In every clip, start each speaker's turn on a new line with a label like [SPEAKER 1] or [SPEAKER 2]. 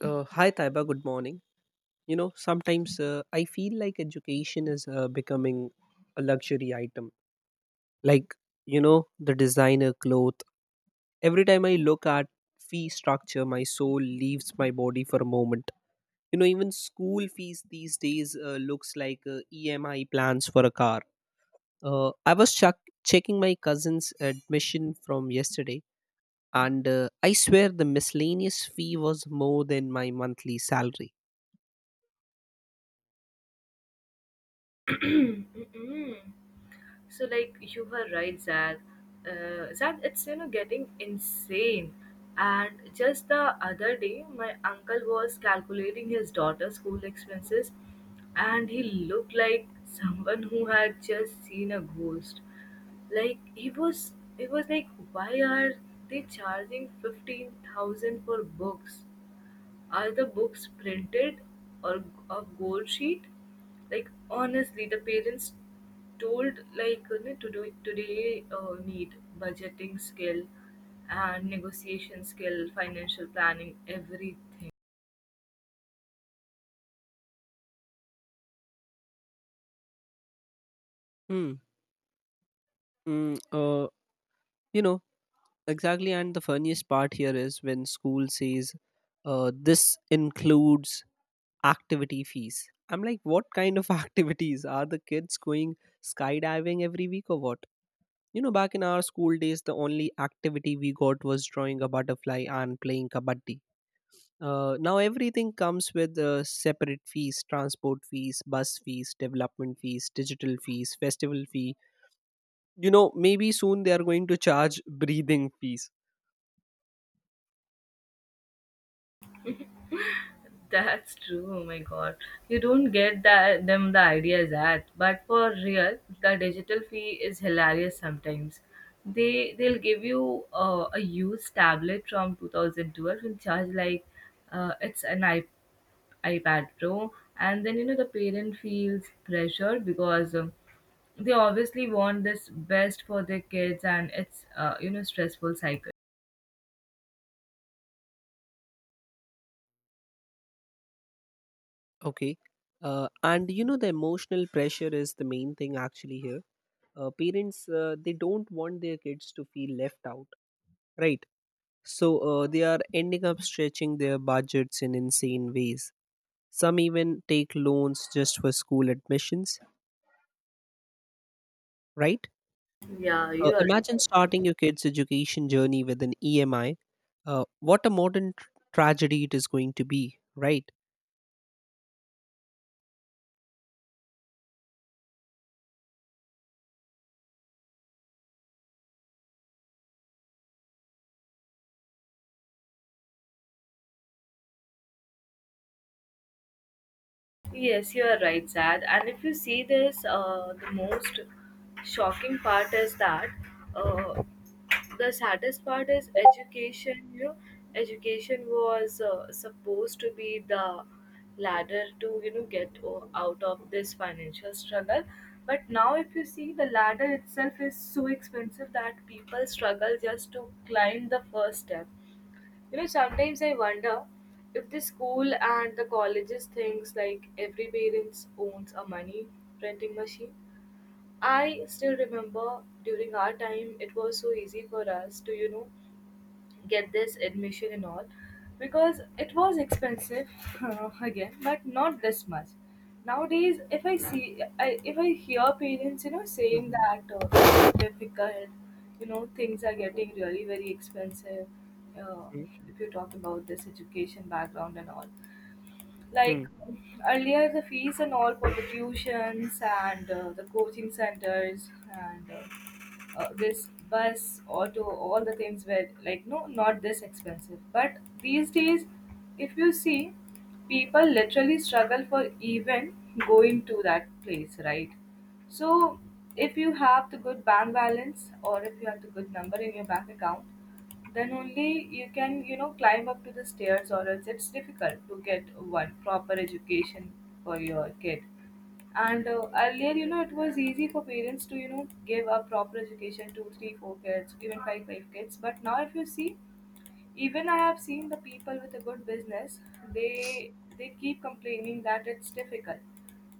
[SPEAKER 1] Hi, Taiba. Good morning. You know, sometimes I feel like education is becoming a luxury item. Like, you know, the designer cloth. Every time I look at fee structure, my soul leaves my body for a moment. You know, even school fees these days looks like EMI plans for a car. I was chuck checking my cousin's admission from yesterday, and I swear the miscellaneous fee was more than my monthly salary.
[SPEAKER 2] Mm-mm. So, like, you were right, Zad. Zad, it's getting insane. And just the other day, my uncle was calculating his daughter's school expenses, and he looked like someone who had just seen a ghost. Like, he was like, why are they charging 15,000 for books? Are the books printed, or a gold sheet? Like, honestly, the parents told, like, today today need budgeting skill and negotiation skill, financial planning, everything.
[SPEAKER 1] Hmm. Mm, uh, you know, exactly. And the funniest part here is when school says, this includes activity fees. I'm like, what kind of activities? Are the kids going skydiving every week or what? You know, back in our school days, the only activity we got was drawing a butterfly and playing kabaddi. Now everything comes with separate fees, transport fees, bus fees, development fees, digital fees, festival fee. You know, maybe soon they are going to charge breathing fees.
[SPEAKER 2] That's true. Oh my god, you don't get that them the ideas at, but for real, the digital fee is hilarious sometimes. They'll give you a used tablet from 2012 and charge like, it's an iPad Pro, and then you know the parent feels pressured because, they obviously want this best for their kids, and it's stressful cycle.
[SPEAKER 1] Okay. And you know, the emotional pressure is the main thing actually here. Parents, they don't want their kids to feel left out, right? So, they are ending up stretching their budgets in insane ways. Some even take loans just for school admissions, right?
[SPEAKER 2] Yeah, you
[SPEAKER 1] Imagine starting your kid's education journey with an EMI. What a modern tragedy it is going to be, right?
[SPEAKER 2] Yes, you are right, Zad. And if you see this, the most shocking part is that, uh, the saddest part is education. You know, education was supposed to be the ladder to get out of this financial struggle, but now if you see, the ladder itself is so expensive that people struggle just to climb the first step. You know, sometimes I wonder if the school and the colleges thinks like every parents owns a money printing machine. I still remember, during our time it was so easy for us to, you know, get this admission and all, because it was expensive again, but not this much nowadays. If if I hear parents, you know, saying
[SPEAKER 1] Mhm,
[SPEAKER 2] that, it's difficult, you know, things are getting really very expensive. uh, if you talk about this education background and all, like,
[SPEAKER 1] mhm.
[SPEAKER 2] earlier, the fees and all for the tuitions and the coaching centers and this bus, auto, all the things were like, no, not this expensive. But these days, if you see, people literally struggle for even going to that place, right? So if you have the good bank balance, or if you have the good number in your bank account, then only you can, you know, climb up to the stairs, or else it's difficult to get one proper education for your kid. And earlier, you know, it was easy for parents to, you know, give a proper education to three four kids, even five kids, but now if you see, even I have seen the people with a good business, they they keep complaining that it's difficult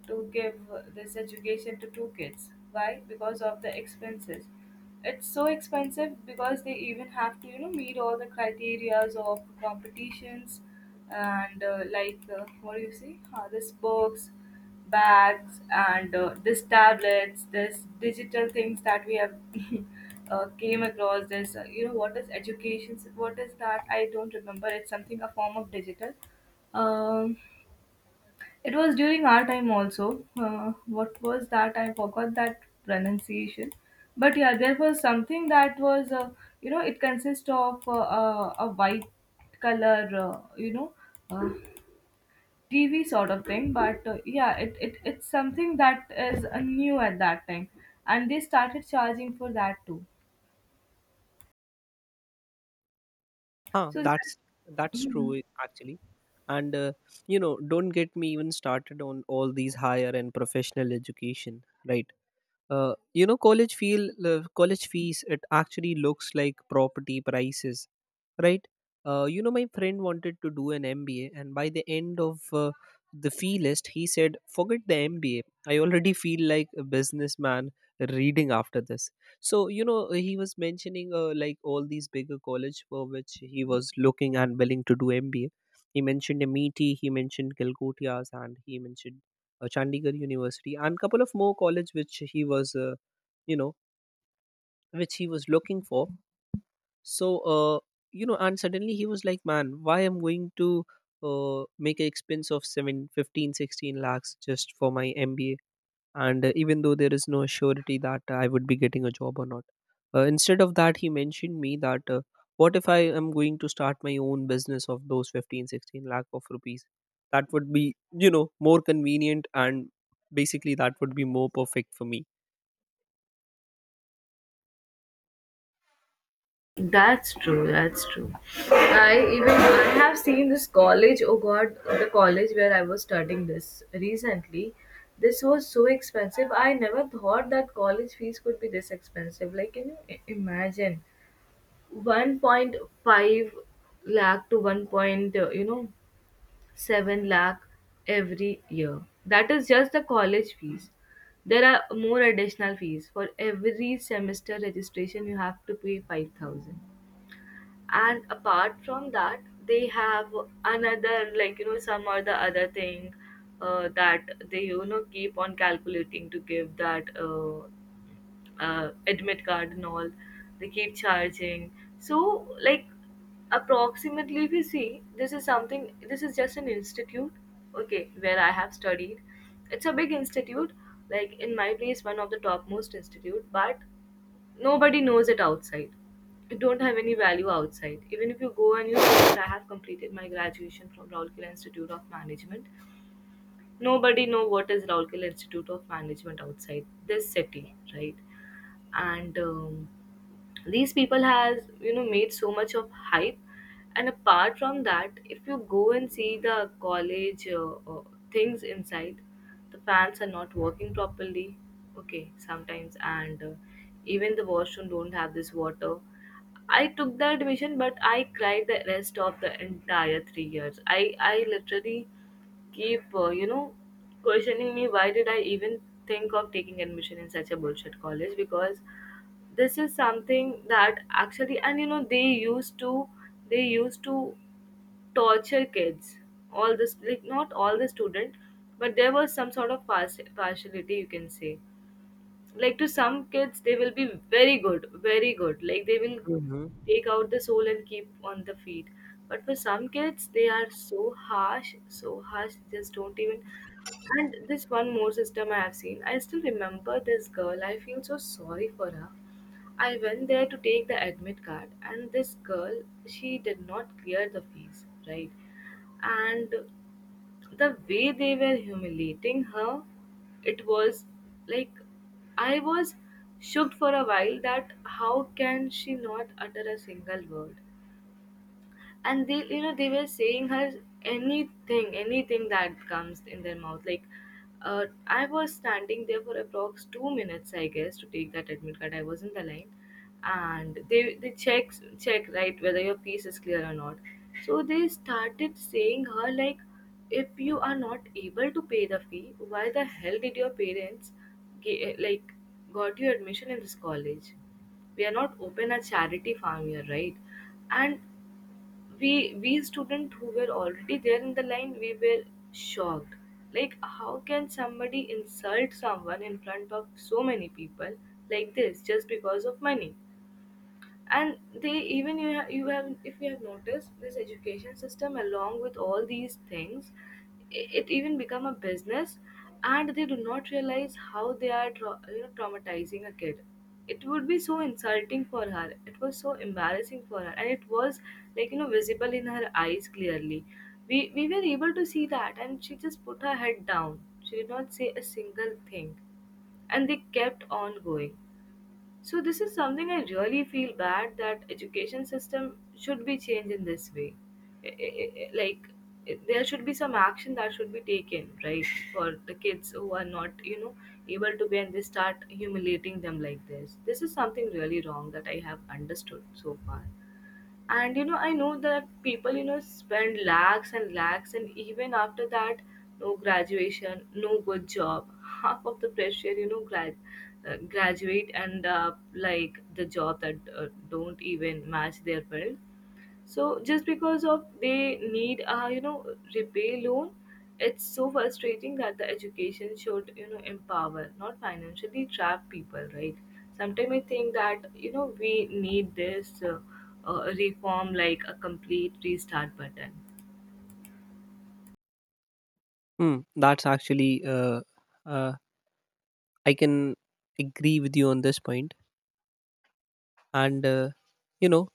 [SPEAKER 2] to give this education to two kids. Why? Because of the expenses. It's so expensive because they even have to, you know, meet all the criterias of competitions and, like, what do you see, this books bags and, this tablets, this digital things that we have Came across this, you know, what is education, what is that, I don't remember, it's something, a form of digital, um, it was during our time also. What was that? I forgot that pronunciation. But yeah, there was something that was, you know, it consists of, a white color, you know, uh, TV sort of thing. But yeah, it's something that is, new at that time, and they started charging for that too.
[SPEAKER 1] Huh,
[SPEAKER 2] So.
[SPEAKER 1] that's
[SPEAKER 2] Mhm.
[SPEAKER 1] true, eh, actually. And you know, don't get me even started on all these higher and professional education, right? You know, college fees, it actually looks like property prices, right? You know, my friend wanted to do an mba, and by the end of the fee list, he said forget the mba. I already feel like a businessman reading after this. So you know, he was mentioning like all these bigger college for which he was looking and willing to do mba. He mentioned MIT, he mentioned Calcutta's, and he mentioned Chandigarh University, and couple of more college which he was, you know, which he was looking for. So, you know, and suddenly he was like, man, why am going to make an expense of 7, 15, 16 lakhs just for my MBA? And even though there is no surety that I would be getting a job or not. Instead of that, he mentioned me that what if I am going to start my own business of those 15, 16 lakh of rupees? That would be, you know, more convenient, and basically that would be more perfect for me.
[SPEAKER 2] That's true. That's true. I even I have seen this college. Oh God, the college where I was studying this recently. This was so expensive. I never thought that college fees could be this expensive. Like, can you imagine, 1.5 lakh to one point, you know, seven lakh every year? That is just the college fees. There are more additional fees for every semester registration. You have to pay 5,000, and apart from that, they have another, like, you know, some or the other thing, that they, you know, keep on calculating to give that, admit card and all, they keep charging. So, like, approximately, if you see, this is something, this is just an institute, okay, where I have studied. It's a big institute, like in my place one of the topmost institute, but nobody knows it outside. It don't have any value outside. Even if you go and you say that I have completed my graduation from Raulkela Institute of Management, nobody know what is Raulkela Institute of Management outside this city, right? And these people has, you know, made so much of hype, and apart from that, if you go and see the college, things inside, the fans are not working properly, okay, sometimes, and even the washroom don't have this water. I took the admission, but I cried the rest of the entire 3 years. I literally keep, you know, questioning me, why did I even think of taking admission in such a bullshit college? Because this is something that actually, and you know, they used to torture kids. All this, like, not all the student, but there was some sort of partiality, you can say. Like, to some kids they will be very good, very good, like they will
[SPEAKER 1] Hmm.
[SPEAKER 2] take out the soul and keep on the feet. But for some kids they are so harsh, so harsh, just don't even. And this one more system I have seen. I still remember this girl, I feel so sorry for her. I went there to take the admit card, and this girl, she did not clear the fees, right? And the way they were humiliating her, it was like I was shocked for a while, that how can she not utter a single word. And they, you know, they were saying her anything, anything that comes in their mouth, like, I was standing there for approx 2 minutes, I guess, to take that admit card. I was in the line, and they check, right, whether your piece is clear or not. So they started saying her, like, if you are not able to pay the fee, why the hell did your parents ge- like got you admission in this college? We are not open a charity farm here, right? And we we students who were already there in the line, we were shocked, like how can somebody insult someone in front of so many people like this, just because of money. And they— even you have if you have noticed this education system, along with all these things, it even become a business, and they do not realize how they are traumatizing a kid. It would be so insulting for her, it was so embarrassing for her, and it was, like, you know, visible in her eyes clearly. We were able to see that, and she just put her head down, she did not say a single thing, and they kept on going. So this is something I really feel bad, that education system should be changed in this way. Like, there should be some action that should be taken, right, for the kids who are not, you know, able to be, and they start humiliating them like this. This is something really wrong that I have understood so far. And you know, I know that people, you know, spend lakhs and lakhs, and even after that, no graduation, no good job half of the pressure, you know, graduate, and like the job that don't even match their will. So just because of they need a, you know, repay loan. It's so frustrating that the education should, you know, empower, not financially trap people, right? Sometimes I think that, you know, we need this, reform, like a complete restart button.
[SPEAKER 1] Hmm, that's actually, uh, I can agree with you on this point. And, you know,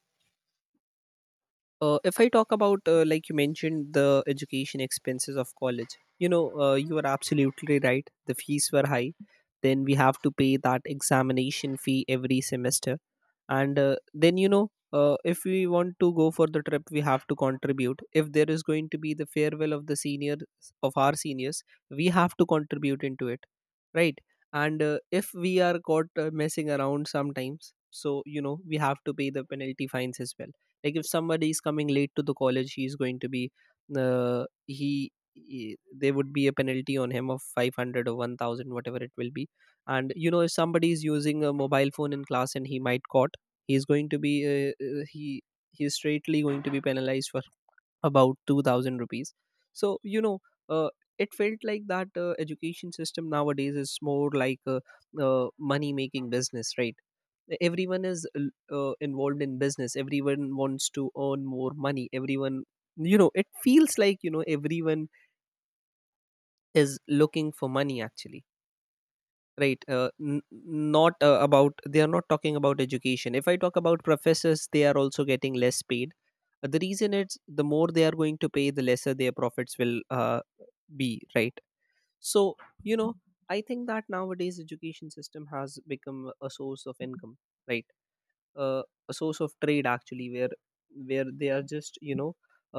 [SPEAKER 1] If I talk about, like you mentioned, the education expenses of college, you know, you are absolutely right. The fees were high. Then we have to pay that examination fee every semester. And then, you know, if we want to go for the trip, we have to contribute. If there is going to be the farewell of the seniors, of our seniors, we have to contribute into it, right? And if we are caught messing around sometimes, so you know, we have to pay the penalty fines as well. Like, if somebody is coming late to the college, he is going to be, he there would be a penalty on him of 500 or 1000, whatever it will be. And you know, if somebody is using a mobile phone in class and he might caught, he's going to be uh, uh, he he's straightly going to be penalized for about 2000 rupees. So you know, uh, it felt like that education system nowadays is more like a, money making business, right? Everyone is involved in business. Everyone wants to earn more money. Everyone, you know, it feels like, you know, everyone is looking for money, actually, right? Not about, they are not talking about education. If I talk about professors, they are also getting less paid. The reason is, the more they are going to pay, the lesser their profits will be, right? So you know, I think that nowadays education system has become a source of income, right? uh, a source of trade, actually, where they are just, you know,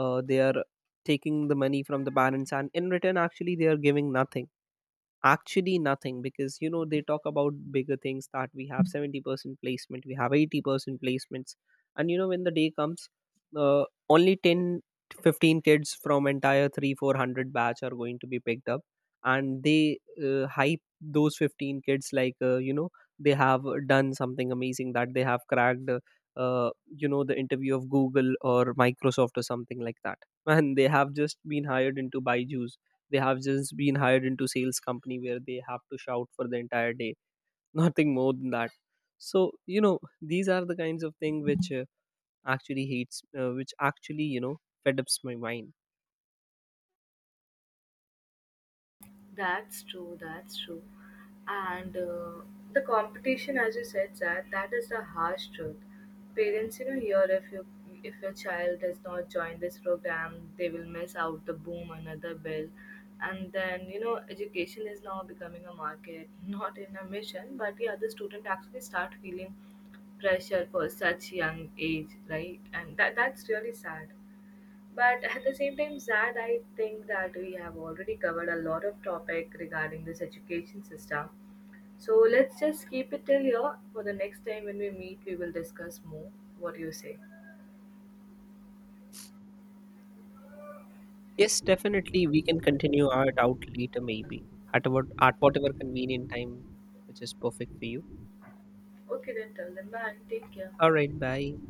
[SPEAKER 1] they are taking the money from the parents and in return, actually, they are giving nothing, actually nothing. Because you know, they talk about bigger things, that we have 70% placement, we have 80% placements. And you know, when the day comes, uh, only 10 to 15 kids from entire 3 400 batch are going to be picked up. And they hype those 15 kids like, you know, they have done something amazing, that they have cracked uh, you know, the interview of Google or Microsoft or something like that, and they have just been hired into Byju's. They have just been hired into sales company where they have to shout for the entire day. Nothing more than that. So you know, these are the kinds of thing which actually hates, which actually, you know, fed ups my mind.
[SPEAKER 2] That's true. That's true. And the competition, as you said, that that is the harsh truth. Parents, you know, here, if your child does not join this program, they will miss out the boom another bill. And then, you know, education is now becoming a market, not in a mission. But yeah, the student actually start feeling pressure for such young age, right? And that that's really sad. But at the same time, Zad, I think that we have already covered a lot of topic regarding this education system. So let's just keep it till here. For the next time when we meet, we will discuss more. What do you say?
[SPEAKER 1] Yes, definitely we can continue art out later, maybe at whatever convenient time which is perfect for you.
[SPEAKER 2] Okay, then tell them bye. Take care.
[SPEAKER 1] All right, bye.